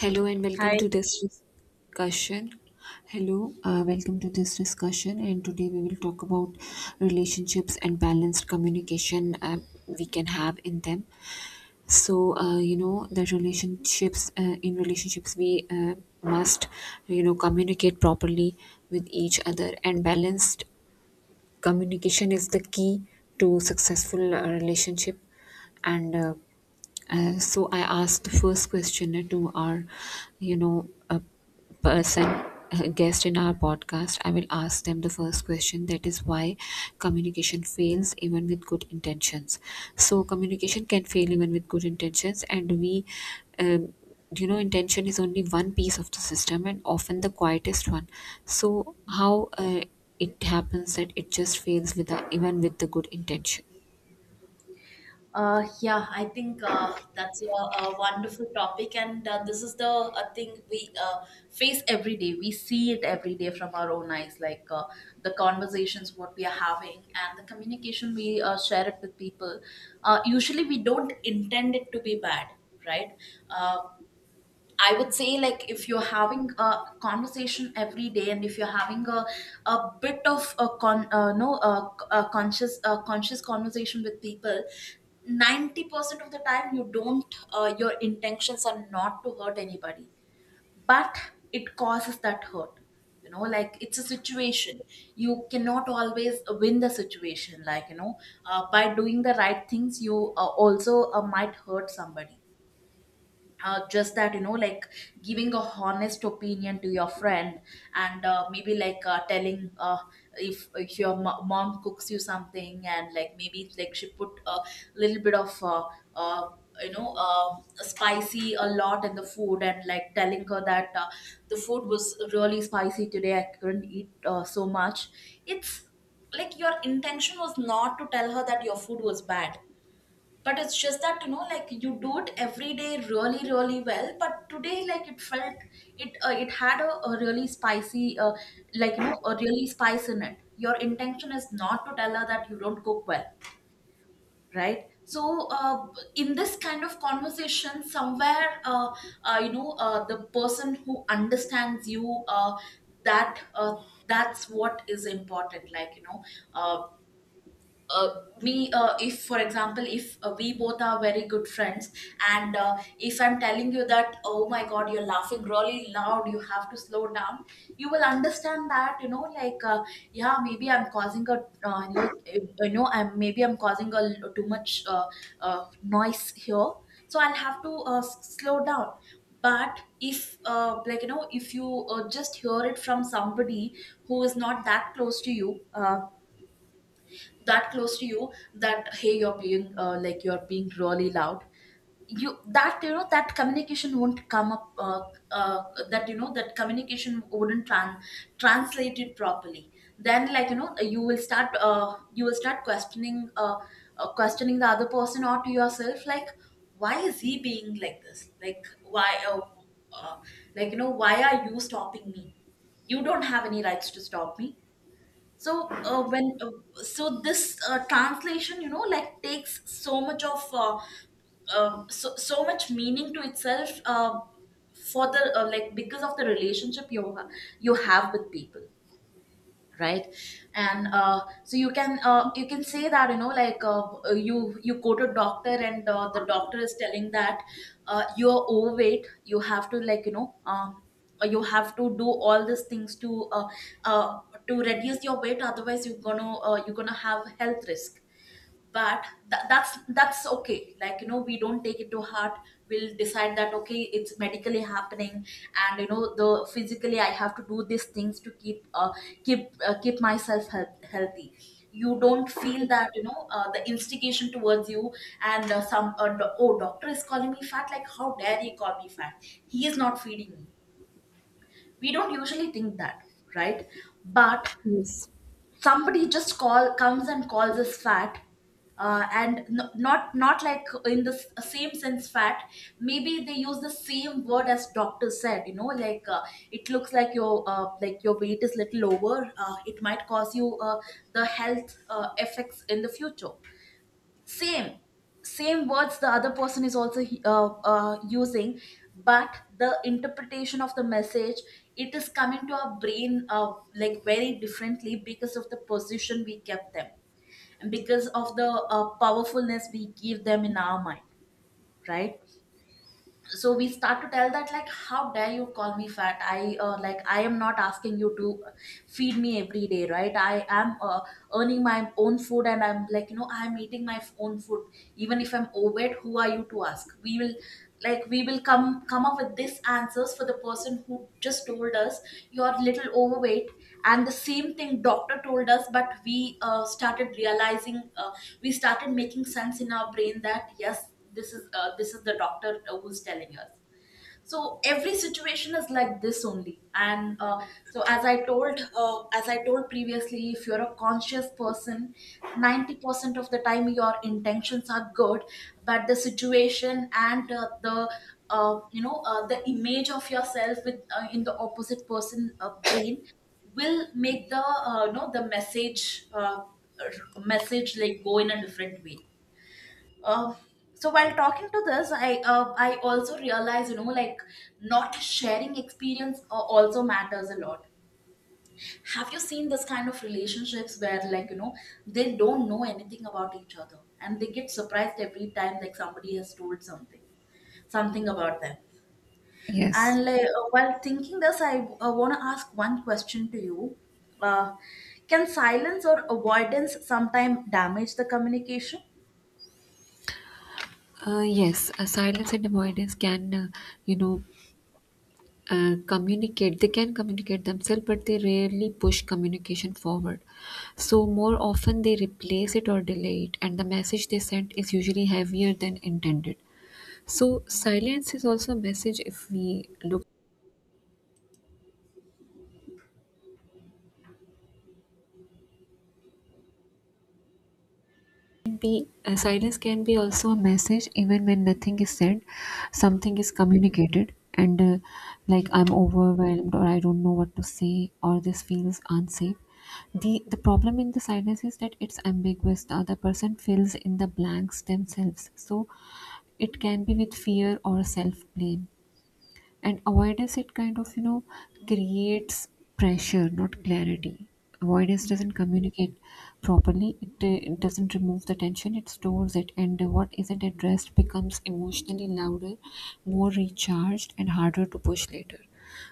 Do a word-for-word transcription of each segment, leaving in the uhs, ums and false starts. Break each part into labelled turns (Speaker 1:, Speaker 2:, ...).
Speaker 1: Hello and welcome
Speaker 2: Hi.
Speaker 1: to this discussion. Hello, uh, welcome to this discussion. And today we will talk about relationships and balanced communication uh, we can have in them. So uh, you know the relationships uh, in relationships we uh, must, you know, communicate properly with each other, and balanced communication is the key to successful uh, relationship. And uh, uh, so I asked the first question uh, to our you know a person, a guest in our podcast. I will ask them the first question, that is, why communication fails even with good intentions. So communication can fail even with good intentions, and we um, you know, intention is only one piece of the system, and often the quietest one. So how uh, it happens that it just fails with the, even with the good intention.
Speaker 2: Uh, yeah, I think uh, that's a, a wonderful topic, and uh, this is the uh, thing we uh, face every day. We see it every day from our own eyes, like, uh, the conversations what we are having, and the communication we uh, share it with people. Uh, usually, we don't intend it to be bad, right? Uh, I would say, like, if you're having a conversation every day, and if you're having a a bit of a con uh, no, a, a conscious a conscious conversation with people, ninety percent of the time, you don't, uh, your intentions are not to hurt anybody, but it causes that hurt you know Like, it's a situation, you cannot always win the situation, like, you know uh, by doing the right things, you uh, also uh, might hurt somebody. Uh, just that, you know like, giving a honest opinion to your friend, and uh, maybe, like, uh, telling, uh, if, if your mo- mom cooks you something, and like, maybe, like, she put a little bit of uh, uh, you know uh, spicy a lot in the food, and like, telling her that, uh, the food was really spicy today, I couldn't eat, uh, so much. It's like your intention was not to tell her that your food was bad, but it's just that, you know, like, you do it every day, really, really well. But today, like, it felt, it uh, it had a, a really spicy, uh, like, you know, a really spice in it. Your intention is not to tell her that you don't cook well, right? So, uh, in this kind of conversation, somewhere, uh, uh, you know, uh, the person who understands you, uh, that, uh, that's what is important. Like, you know, uh, uh, me uh, if, for example, if uh, we both are very good friends, and uh, if I'm telling you that, oh my god, you're laughing really loud, you have to slow down, you will understand that, you know like, uh, yeah, maybe I'm causing a, uh, like, uh, you know I'm maybe I'm causing a l- too much, uh, uh, noise here, so I'll have to, uh, s- slow down. But if uh, like, you know if you uh, just hear it from somebody who is not that close to you uh, that close to you, that, hey, you're being, uh, like, you're being really loud, you, that you know that communication won't come up, uh, uh, that you know that communication wouldn't tran- translate it properly. Then, like, you know you will start uh, you will start questioning, uh, uh, questioning the other person or to yourself, like, why is he being like this, like, why, uh, uh, like, you know why are you stopping me, you don't have any rights to stop me. So, uh, when uh, so this uh, translation, you know like, takes so much of, uh, uh, so, so much meaning to itself, uh, for the, uh, like, because of the relationship you ha- you have with people, right? And, uh, so you can uh, you can say that, you know like, uh, you you go to doctor, and uh, the doctor is telling that, uh, you're overweight, you have to, like, you know um, uh, you have to do all these things to, uh, uh, to reduce your weight, otherwise you're gonna, uh, you're gonna have health risk. But tha- that's that's okay, like, you know we don't take it to heart. We'll decide that, okay, it's medically happening, and, you know the physically, I have to do these things to, keep uh, keep uh, keep myself, health, healthy. You don't feel that, you know uh, the instigation towards you, and uh, some uh, do- oh, doctor is calling me fat, like, how dare he call me fat, he is not feeding me. We don't usually think that, right? But
Speaker 1: Yes.
Speaker 2: somebody just call comes and calls us fat, uh, and n- not not like in the s- same sense fat, maybe they use the same word as doctor said, you know like, uh, it looks like your, uh, like, your weight is little over, uh, it might cause you, uh, the health, uh, effects in the future. Same, same words the other person is also he- uh, uh, using, but the interpretation of the message, it is coming to our brain, uh, like, very differently, because of the position we kept them, and because of the, uh, powerfulness we give them in our mind. Right? So we start to tell that, like, how dare you call me fat, i uh, like, I am not asking you to feed me every day, right? I am, uh, earning my own food, and I'm, like, you know I'm eating my own food, even if I'm overweight, who are you to ask? We will, like, we will come come up with these answers for the person who just told us, you're little overweight. And the same thing doctor told us, but we, uh, started realizing, uh, we started making sense in our brain that, yes, this is uh, this is the doctor, uh, who's telling us. So every situation is like this only. And, uh, so, as i told uh, as I told previously, if you're a conscious person, ninety percent of the time your intentions are good, but the situation and uh, the uh, you know uh, the image of yourself, with uh, in the opposite person, uh, brain, will make the, uh, you know the message, uh, r- message, like, go in a different way. uh, so, while talking to this, I uh, I also realize, you know like, not sharing experience uh, also matters a lot. Have you seen this kind of relationships where, like, you know they don't know anything about each other, and they get surprised every time, like, somebody has told something, something about them.
Speaker 1: Yes.
Speaker 2: And, like, uh, while thinking this, I, uh, want to ask one question to you. Uh, can silence or avoidance sometimes damage the communication?
Speaker 1: Uh, yes, uh, silence and avoidance can uh, you know, uh, communicate. They can communicate themselves, but they rarely push communication forward. So more often they replace it or delay it, and the message they send is usually heavier than intended. So silence is also a message if we look. Be uh, Silence can be also a message. Even when nothing is said, something is communicated, and uh, like I'm overwhelmed, or I don't know what to say, or this feels unsafe. The the problem in the silence is that it's ambiguous. The other person fills in the blanks themselves. So it can be with fear or self blame. And avoidance, it kind of, you know, creates pressure, not clarity. Avoidance
Speaker 2: Yeah.
Speaker 1: doesn't communicate properly. It, uh, it doesn't remove the tension, it stores it. And uh, what isn't addressed becomes emotionally louder, more recharged, and harder to push later.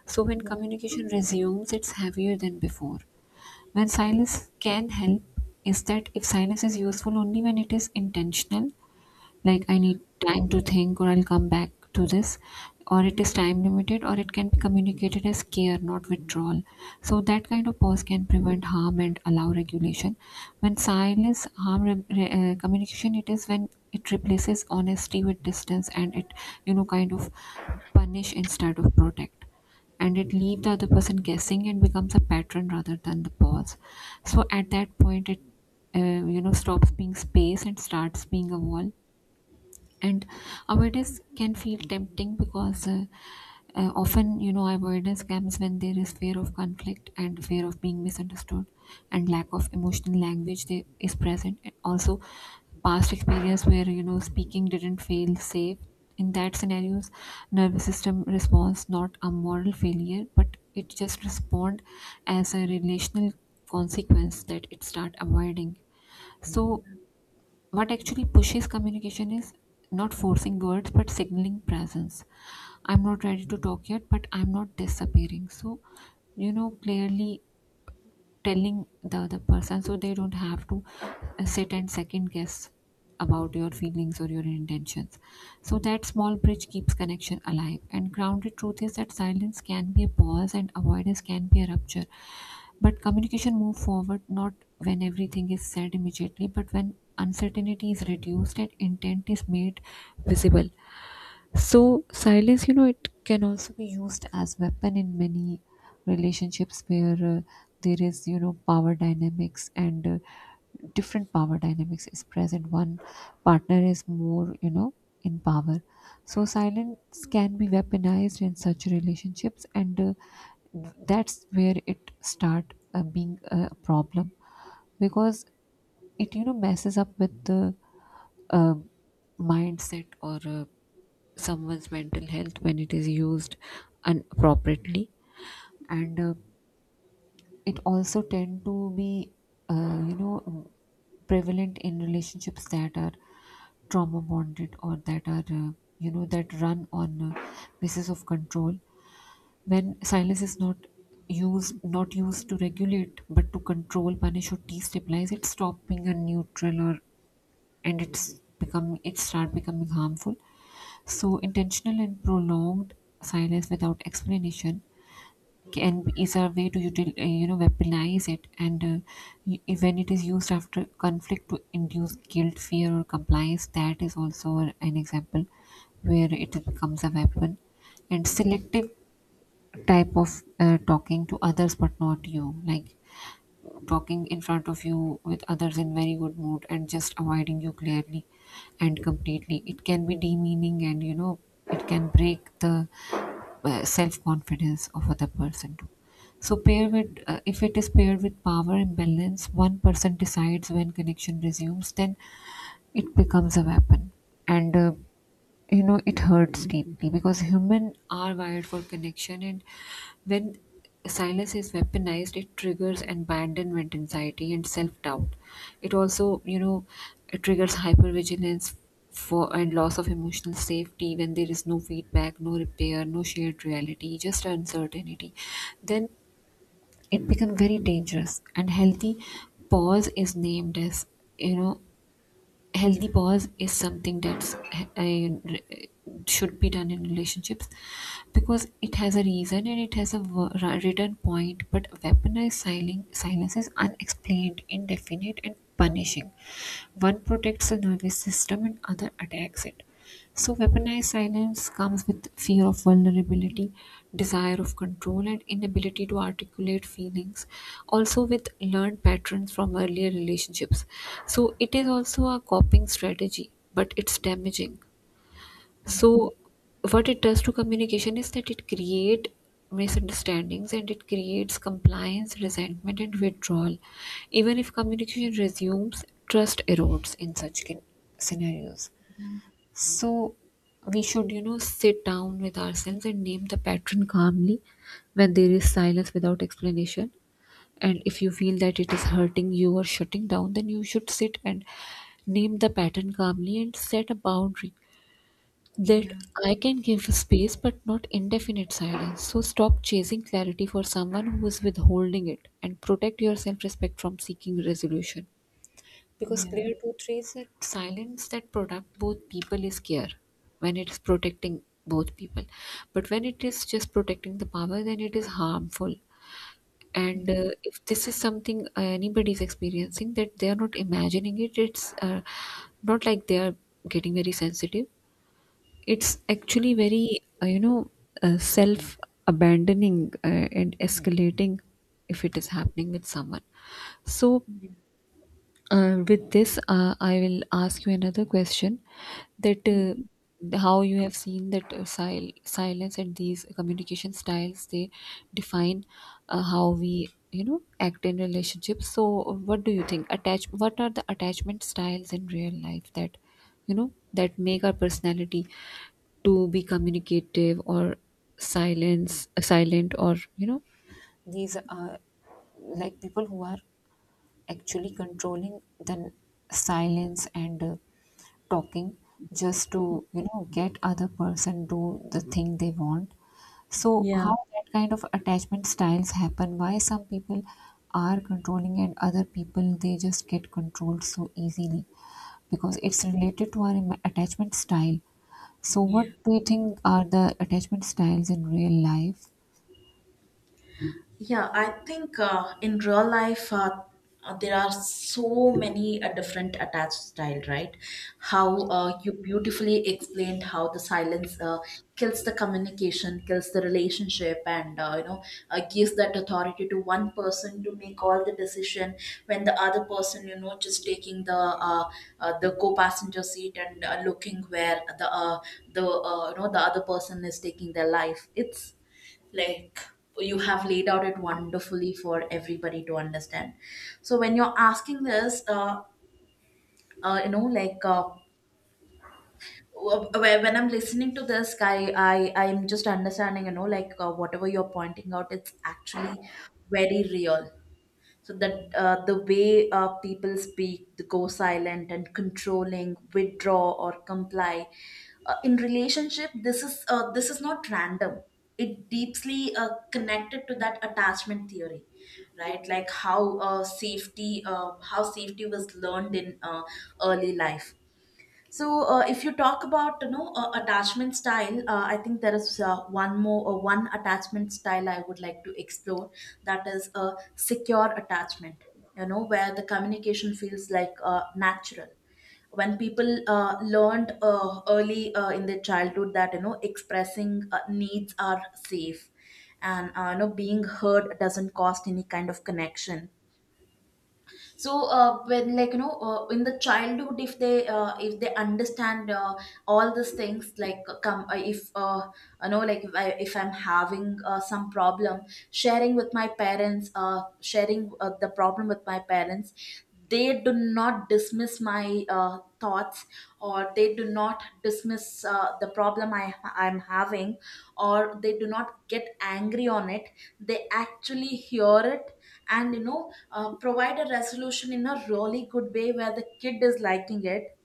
Speaker 1: So when
Speaker 2: Yeah.
Speaker 1: communication resumes, it's heavier than before. When silence can help is that if silence is useful only when it is intentional, like I need time to think, or I'll come back to this, or it is time limited, or it can be communicated as care, not withdrawal. So that kind of pause can prevent harm and allow regulation. When silence harm re- re- uh, communication, it is when it replaces honesty with distance, and it, you know, kind of punish instead of protect, and it
Speaker 2: Yeah.
Speaker 1: leave the other person guessing and becomes a pattern rather than the pause. So at that point it uh, you know, stops being space and starts being a wall. And avoidance can feel tempting because uh, uh, often, you know, avoidance comes when there is fear of conflict and fear of being misunderstood, and lack of emotional language there is present, and also past experience where, you know, speaking didn't feel safe. In that scenarios, nervous system responds. Not a moral failure, but it just respond as a relational consequence, that it start avoiding. So what actually pushes communication is not forcing words but signaling presence. I'm not ready to talk yet, but I'm not disappearing. So, you know, clearly telling the other person so they don't have to uh, sit and second guess about your feelings or your intentions. So that small bridge keeps connection alive and grounded. Truth is that silence can be a pause and avoidance can be a rupture, but communication move forward not when everything is said immediately, but when uncertainty is reduced and intent is made visible. So silence, you know, it can also be used as weapon in many relationships where uh, there is, you know, power dynamics, and uh, different power dynamics is present. One partner is more, you know, in power. So silence can be weaponized in such relationships, and uh, that's where it start uh, being a problem, because it, you know, messes up with the uh, mindset, or uh, someone's mental health, when it is used inappropriately. And uh, it also tend to be uh, you know, prevalent in relationships that are trauma bonded, or that are uh, you know, that run on uh, basis of control. When silence is not used not used to regulate but to control, punish, or destabilize, it stop being a neutral, or and it's become, it start becoming harmful. So intentional and prolonged silence without explanation can is a way to util, uh, you know, weaponize it. And uh, y- when it is used after conflict to induce guilt, fear, or compliance, that is also an an example where it becomes a weapon. And selective type of uh, talking to others but not you, like talking in front of you with others in very good mood and just avoiding you clearly and completely, it can be demeaning, and, you know, it can break the uh, self-confidence of other person too. So pair
Speaker 2: Yeah.
Speaker 1: with uh, if it is paired with power imbalance, one person decides when connection resumes, then it becomes a weapon. And uh, you know, it hurts deeply because humans are wired for connection. And when silence is weaponized, it triggers abandonment anxiety and self-doubt. It also, you know, it triggers hypervigilance for and loss of emotional safety. When there is no feedback, no repair, no shared reality, just uncertainty, then it becomes very dangerous. And healthy pause is named as, you know, healthy pause is something that's I, should be done in relationships, because it has a reason and it has a wo- ra- written point. But weaponized silen- silence is unexplained, indefinite, and punishing. One protects the nervous system and other attacks it. So weaponized silence comes with fear of vulnerability, desire of control, and inability to articulate feelings. Also, with learned patterns from earlier relationships. So it is also a coping strategy, but it's damaging. So what it does to communication is that it creates misunderstandings, and it creates compliance, resentment, and withdrawal. Even if communication resumes, trust erodes in such ca- scenarios. So we should, you know, sit down with ourselves and name the pattern calmly when there is silence without explanation. And if you feel that it is hurting you or shutting down, then you should sit and name the pattern calmly and set a boundary that
Speaker 2: Yeah.
Speaker 1: I can give space but not indefinite silence. So stop chasing clarity for someone who is withholding it, and protect your self respect from seeking resolution. Because
Speaker 2: Yeah.
Speaker 1: clear two three is that silence that product both people is clear when it's protecting both people. But when it is just protecting the power, then it is harmful. And uh,
Speaker 2: Yeah,
Speaker 1: if this is something uh, anybody is experiencing, that they are not imagining it, it's uh, not like they are getting very sensitive. It's actually very, uh, you know, uh, self abandoning uh, and escalating if it is happening with someone. So
Speaker 2: yeah,
Speaker 1: uh, with this, uh, I will ask you another question, that uh, how you have seen that uh, sil- silence and these communication styles, they define uh, how we, you know, act in relationships. So what do you think? Attach What are the attachment styles in real life that, you know, that make our personality to be communicative or silence silent, or, you know, these are like people who are actually controlling the n- silence, and uh, talking just to, you know, get other person do the thing they want. So
Speaker 2: yeah.
Speaker 1: how that kind of attachment styles happen, why some people are controlling and other people they just get controlled so easily, because it's related to our im- attachment style. So
Speaker 2: Yeah.
Speaker 1: what do you think are the attachment styles in real life?
Speaker 2: Yeah, I think, uh, in real life, uh, uh, there are so many uh, different attached style, right? How uh, You beautifully explained how the silence, uh, kills the communication, kills the relationship, and uh, you know uh, gives that authority to one person to make all the decision, when the other person, you know, just taking the, uh, uh, the co-passenger seat, and uh, looking where the, uh, the uh, you know the other person is taking their life. It's like you have laid out it wonderfully for everybody to understand. So when you're asking this, uh, uh you know like, uh, wh- wh- when I'm listening to this guy, i i'm just understanding, you know like, uh, whatever you're pointing out, it's actually very real. So that, uh, the way, uh, people speak, the go silent and controlling, withdraw or comply, uh, in relationship, this is uh, this is not random, it deeply uh, connected to that attachment theory, right? Like, how uh, safety uh, how safety was learned in, uh, early life. So, uh, if you talk about, you know uh, attachment style, uh, I think there is, uh, one more uh, one attachment style I would like to explore. That is a secure attachment. You know where the communication feels like, uh, natural. When people uh, learned, uh, early, uh, in their childhood, that, you know expressing, uh, needs are safe, and, uh, you know being heard doesn't cost any kind of connection. So, uh, when, like, you know uh, in the childhood, if they uh, if they understand, uh, all these things, like uh, come uh, if uh, you know like, if, I, if I'm having, uh, some problem sharing with my parents, uh, sharing, uh, the problem with my parents, they do not dismiss my, uh, thoughts, or they do not dismiss, uh, the problem I, I'm having, or they do not get angry on it, they actually hear it, and, you know uh, provide a resolution in a really good way where the kid is liking it.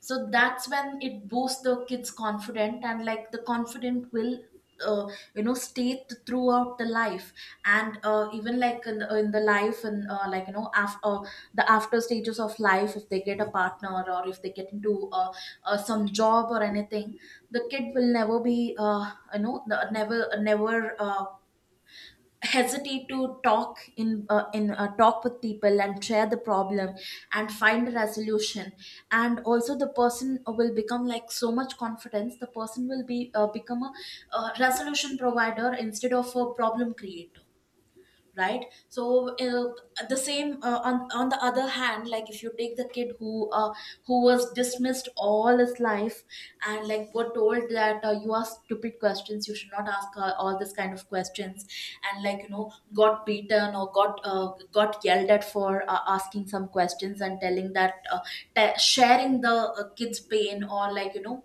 Speaker 2: So that's when it boosts the kid's confidence, and, like, the confident will, uh, you know stay, th- throughout the life. And, uh, even, like, in, in the life, and, uh, like, you know after the after stages of life, if they get a partner, or if they get into, uh, uh, some job or anything, the kid will never be, uh, you know the- never, never, uh, hesitate to talk in uh, in uh, talk with people and share the problem, and find a resolution. And also, the person will become, like, so much confidence, the person will be uh, become a, uh resolution provider instead of a problem creator. Right? So, uh, the same, uh, on on the other hand, like, if you take the kid who, uh, who was dismissed all his life and like were told that uh, you ask stupid questions, you should not ask uh, all this kind of questions, and like you know got beaten or got uh, got yelled at for uh, asking some questions, and telling that uh, te- sharing the uh, kid's pain, or like you know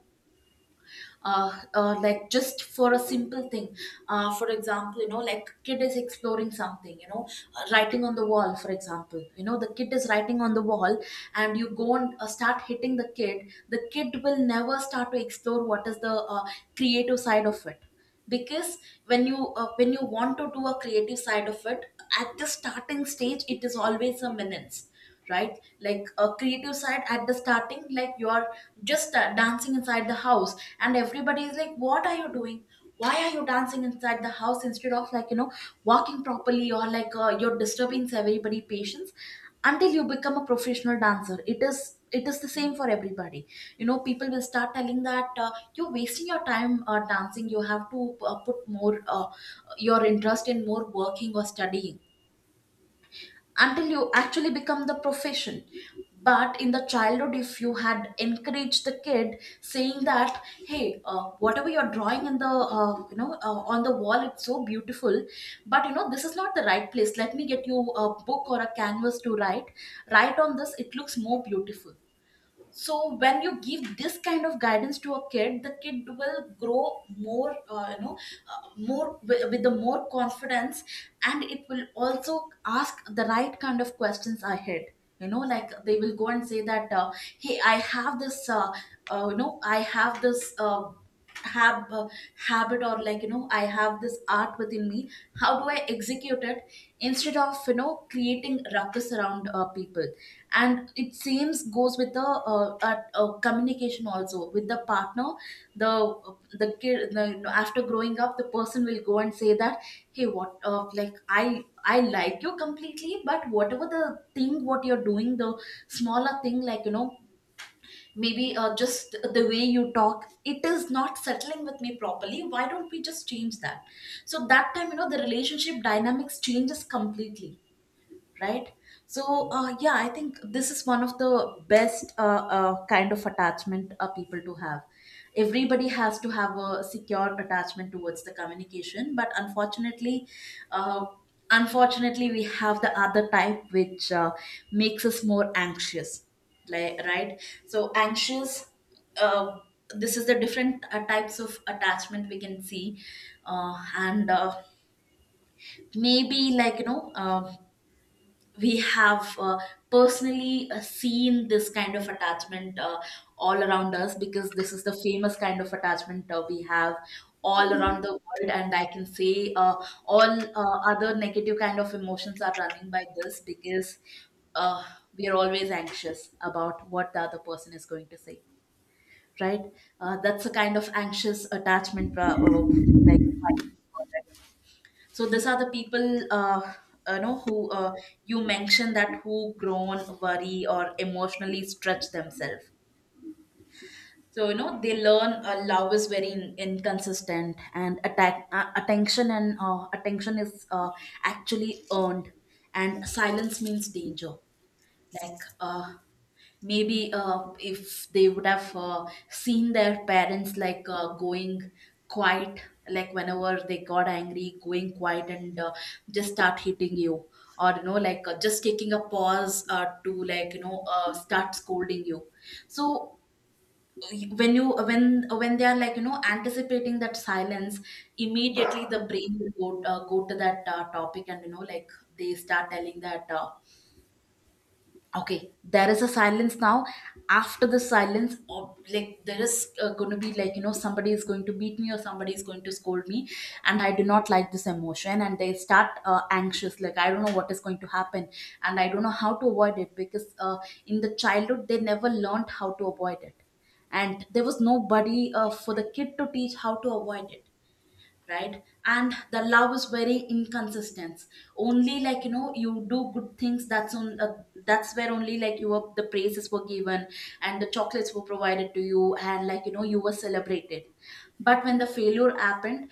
Speaker 2: uh, uh, like just for a simple thing. Uh, for example, you know, like, kid is exploring something, you know, uh, writing on the wall. For example, you know, the kid is writing on the wall and you go and uh, start hitting the kid. The kid will never start to explore what is the uh, creative side of it, because when you uh, when you want to do a creative side of it, at the starting stage it is always a menace. Right? Like, a creative side at the starting, like, you're just uh, dancing inside the house and everybody is like, what are you doing? Why are you dancing inside the house instead of, like, you know, walking properly, or like uh, you're disturbing everybody patience? Until you become a professional dancer, it is it is the same for everybody. You know, people will start telling that uh, you're wasting your time uh, dancing, you have to uh, put more uh, your interest in more working or studying, until you actually become the profession. But in the childhood, if you had encouraged the kid, saying that, hey, uh, whatever you're drawing in the uh, you know uh, on the wall, it's so beautiful, but, you know, this is not the right place. Let me get you a book or a canvas to write, write on this, it looks more beautiful. So when you give this kind of guidance to a kid, the kid will grow more, uh, you know uh, more with, with the more confidence, and it will also ask the right kind of questions ahead. You know, like, they will go and say that, uh, hey, I have this uh, uh, you know I have this uh, hab- uh, habit, or, like, you know, I have this art within me, how do I execute it, instead of, you know, creating ruckus around uh, people. And it seems goes with the uh, uh, uh, communication also with the partner. The the kid the, after growing up, the person will go and say that, hey, what, uh, like i i like you completely, but whatever the thing what you're doing, the smaller thing, like, you know, maybe uh, just the way you talk, it is not settling with me properly, why don't we just change that? So that time, you know, the relationship dynamics changes completely. Right? So, uh, yeah, I think this is one of the best uh, uh, kind of attachment uh, people to have. Everybody has to have a secure attachment towards the communication. But unfortunately, uh, unfortunately, we have the other type, which uh, makes us more anxious. Like, right, so anxious. uh, this is the different uh, types of attachment we can see. Uh, and uh, Maybe, like, you know, um, we have uh, personally uh, seen this kind of attachment uh, all around us, because this is the famous kind of attachment uh, we have all around the world. And I can say uh, all uh, other negative kind of emotions are running by this, because uh, we are always anxious about what the other person is going to say. Right? Uh, that's a kind of anxious attachment pro- uh, like. So these are the people, uh, you know, who, uh, you mentioned, that who grown worry or emotionally stretch themselves. So, you know, they learn uh, love is very in- inconsistent, and attack uh, attention, and uh, attention is uh, actually earned, and silence means danger. Like, uh, maybe uh, if they would have uh, seen their parents, like, uh, going quiet, like, whenever they got angry, going quiet, and uh, just start hitting you, or, you know, like uh, just taking a pause uh, to, like, you know, uh, start scolding you. So when you when when they are, like, you know, anticipating that silence, immediately the brain will go uh, go to that uh, topic, and, you know, like, they start telling that, uh, okay, there is a silence now, after the silence, or, like, there is uh, going to be, like, you know, somebody is going to beat me or somebody is going to scold me, and I do not like this emotion. And they start uh, anxious, like, I don't know what is going to happen, and I don't know how to avoid it, because uh, in the childhood they never learned how to avoid it, and there was nobody uh, for the kid to teach how to avoid it. Right? And the love is very inconsistent. Only, like, you know, you do good things, that's on uh, that's where only, like, you were, the praises were given and the chocolates were provided to you, and, like, you know, you were celebrated. But when the failure happened,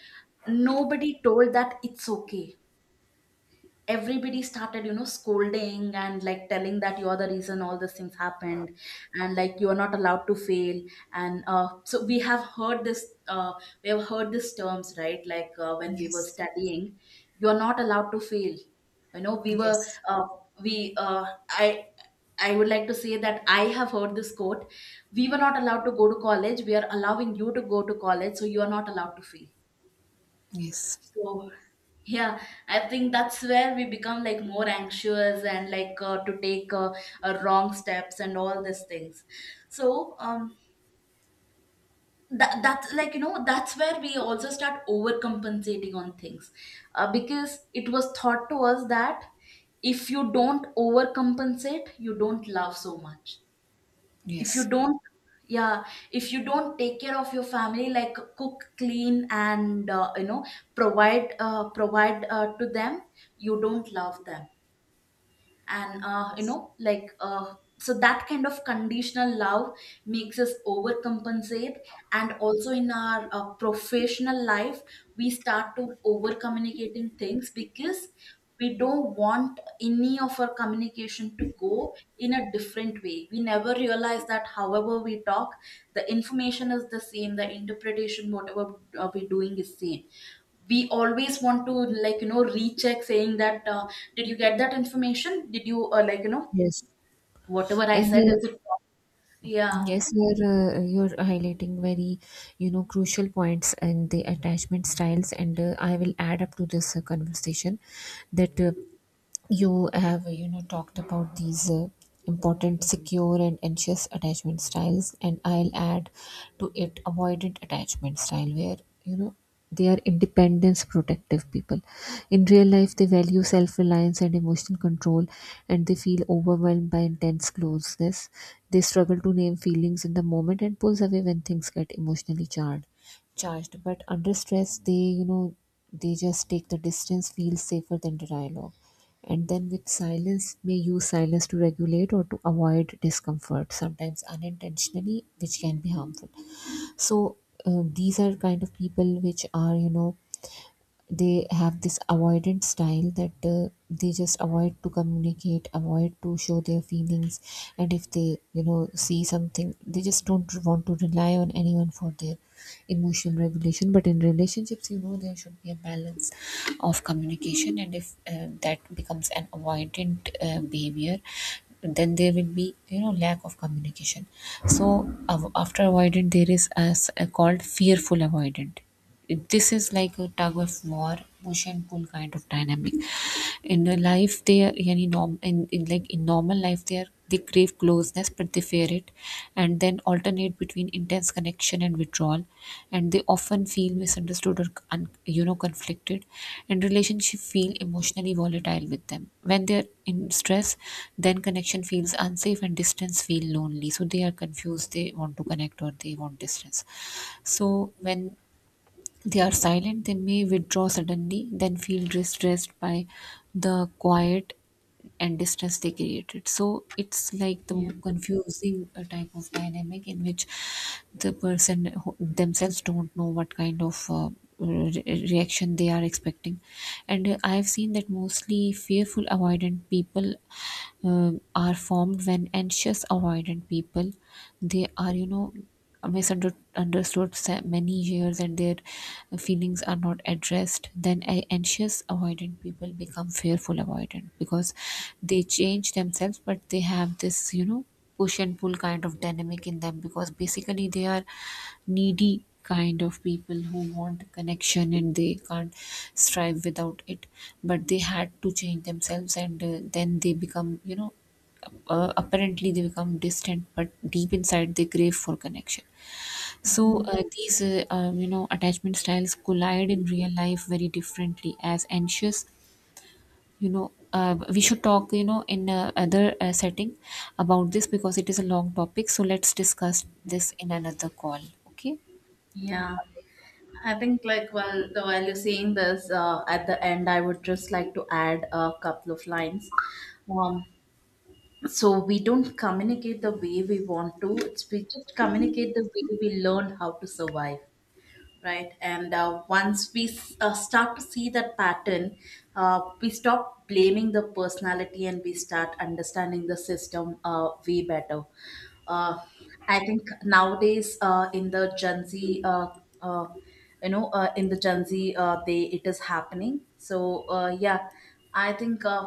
Speaker 2: nobody told that it's okay. Everybody started, you know, scolding and, like, telling that you're the reason all these things happened, and, like, you're not allowed to fail. And, uh, so we have heard this, uh, we have heard these terms, right, like, uh, when we were
Speaker 1: Yes,
Speaker 2: studying, you're not allowed to fail. You know, we were
Speaker 1: yes,
Speaker 2: uh, we uh, i i would like to say that I have heard this quote: we were not allowed to go to college, we are allowing you to go to college, so you are not allowed to fail.
Speaker 1: yes,
Speaker 2: So yeah, I think that's where we become, like, more anxious, and like, uh, to take uh, uh, wrong steps and all these things. So, um, that that's like, you know, that's where we also start overcompensating on things, uh, because it was thought to us that if you don't overcompensate, you don't love so much. If you
Speaker 1: yes,
Speaker 2: don't, yeah, if you don't take care of your family, like, cook, clean, and, uh, you know, provide, uh, provide uh, to them, you don't love them. And, uh, you
Speaker 1: yes.
Speaker 2: know, like, uh, so that kind of conditional love makes us overcompensate. And also in our uh, professional life, we start to over communicating things, because we don't want any of our communication to go in a different way. We never realize that however we talk, the information is the same, the interpretation whatever uh, we're doing is same. We always want to, like, you know, recheck, saying that, uh, did you get that information, did you, uh, like, you know,
Speaker 1: Yes.
Speaker 2: whatever I
Speaker 1: and
Speaker 2: said,
Speaker 1: uh,
Speaker 2: is it wrong? Yeah.
Speaker 1: Yes, you're uh, you're highlighting very, you know, crucial points, and the attachment styles. And uh, I will add up to this uh, conversation, that uh, you have, you know, talked about these uh, important secure and anxious attachment styles, and I'll add to it avoidant attachment style, where, you know, they are independence protective people. In real life they value self-reliance and emotional control, and they feel overwhelmed by intense closeness. They struggle to name feelings in the moment, and pulls away when things get emotionally charged charged. But under stress they, you know, they just take the distance, feel safer than the dialogue. And then with silence, may use silence to regulate or to avoid discomfort, sometimes unintentionally, which can be harmful. So, uh, these are kind of people which are, you know, they have this avoidant style, that uh, they just avoid to communicate, avoid to show their feelings. And if they, you know, see something, they just don't want to rely on anyone for their emotional regulation. But in relationships, you know, there should be a balance of communication. And if uh, that becomes an avoidant uh, behavior, then there will be, you know, lack of communication. So av- after avoidant there is as uh, called fearful avoidant. It- this is like a tug of war, push and pull kind of dynamic in the life they are in. Norm, in, in, like in normal life they are, they crave closeness but they fear it, and then alternate between intense connection and withdrawal. And they often feel misunderstood or un, you know, conflicted. And relationship feel emotionally volatile with them. When they are in stress, then connection feels unsafe and distance feel lonely. So they are confused, they want to connect or they want distance. So when they are silent, they may withdraw suddenly, then feel distressed by the quiet and distance they created. So it's like
Speaker 2: Yeah.
Speaker 1: the confusing uh, type of dynamic in which the person who- themselves don't know what kind of uh, re- reaction they are expecting. And uh, I've seen that mostly fearful avoidant people um, are formed when anxious avoidant people, they are, you know, misunderstood sa- many years, and their feelings are not addressed, then a- anxious avoidant people become fearful avoidant, because they change themselves but they have this, you know, push and pull kind of dynamic in them, because basically they are needy kind of people who want connection and they can't strive without it. But they had to change themselves, and uh, then they become, you know, uh, apparently they become distant but deep inside they crave for connection. So
Speaker 2: Mhm.
Speaker 1: uh, these uh, um, you know, attachment styles collide in real life very differently as anxious, you know, uh, we should talk, you know, in uh, other uh, setting about this, because it is a long topic. So let's discuss this in another call. Okay?
Speaker 2: Yeah, I think, like, while the while you're saying this, uh, at the end, I would just like to add a couple of lines. Um, so we don't communicate the way we want to. It's we just communicate the way we learned how to survive. Right? And uh, once we s- uh, start to see that pattern, uh, we stop blaming the personality and we start understanding the system uh, way better. uh, I think nowadays, uh, in the gen z, uh, uh, you know, uh, in the gen z, uh, they, it is happening, so uh, yeah, I think, uh,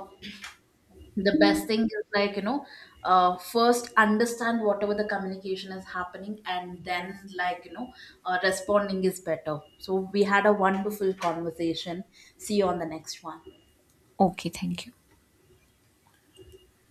Speaker 2: the best thing is, like, you know, uh, first understand whatever the communication is happening, and then, like, you know, uh, responding is better. So we had a wonderful conversation. See you on the next one.
Speaker 1: Okay, thank you.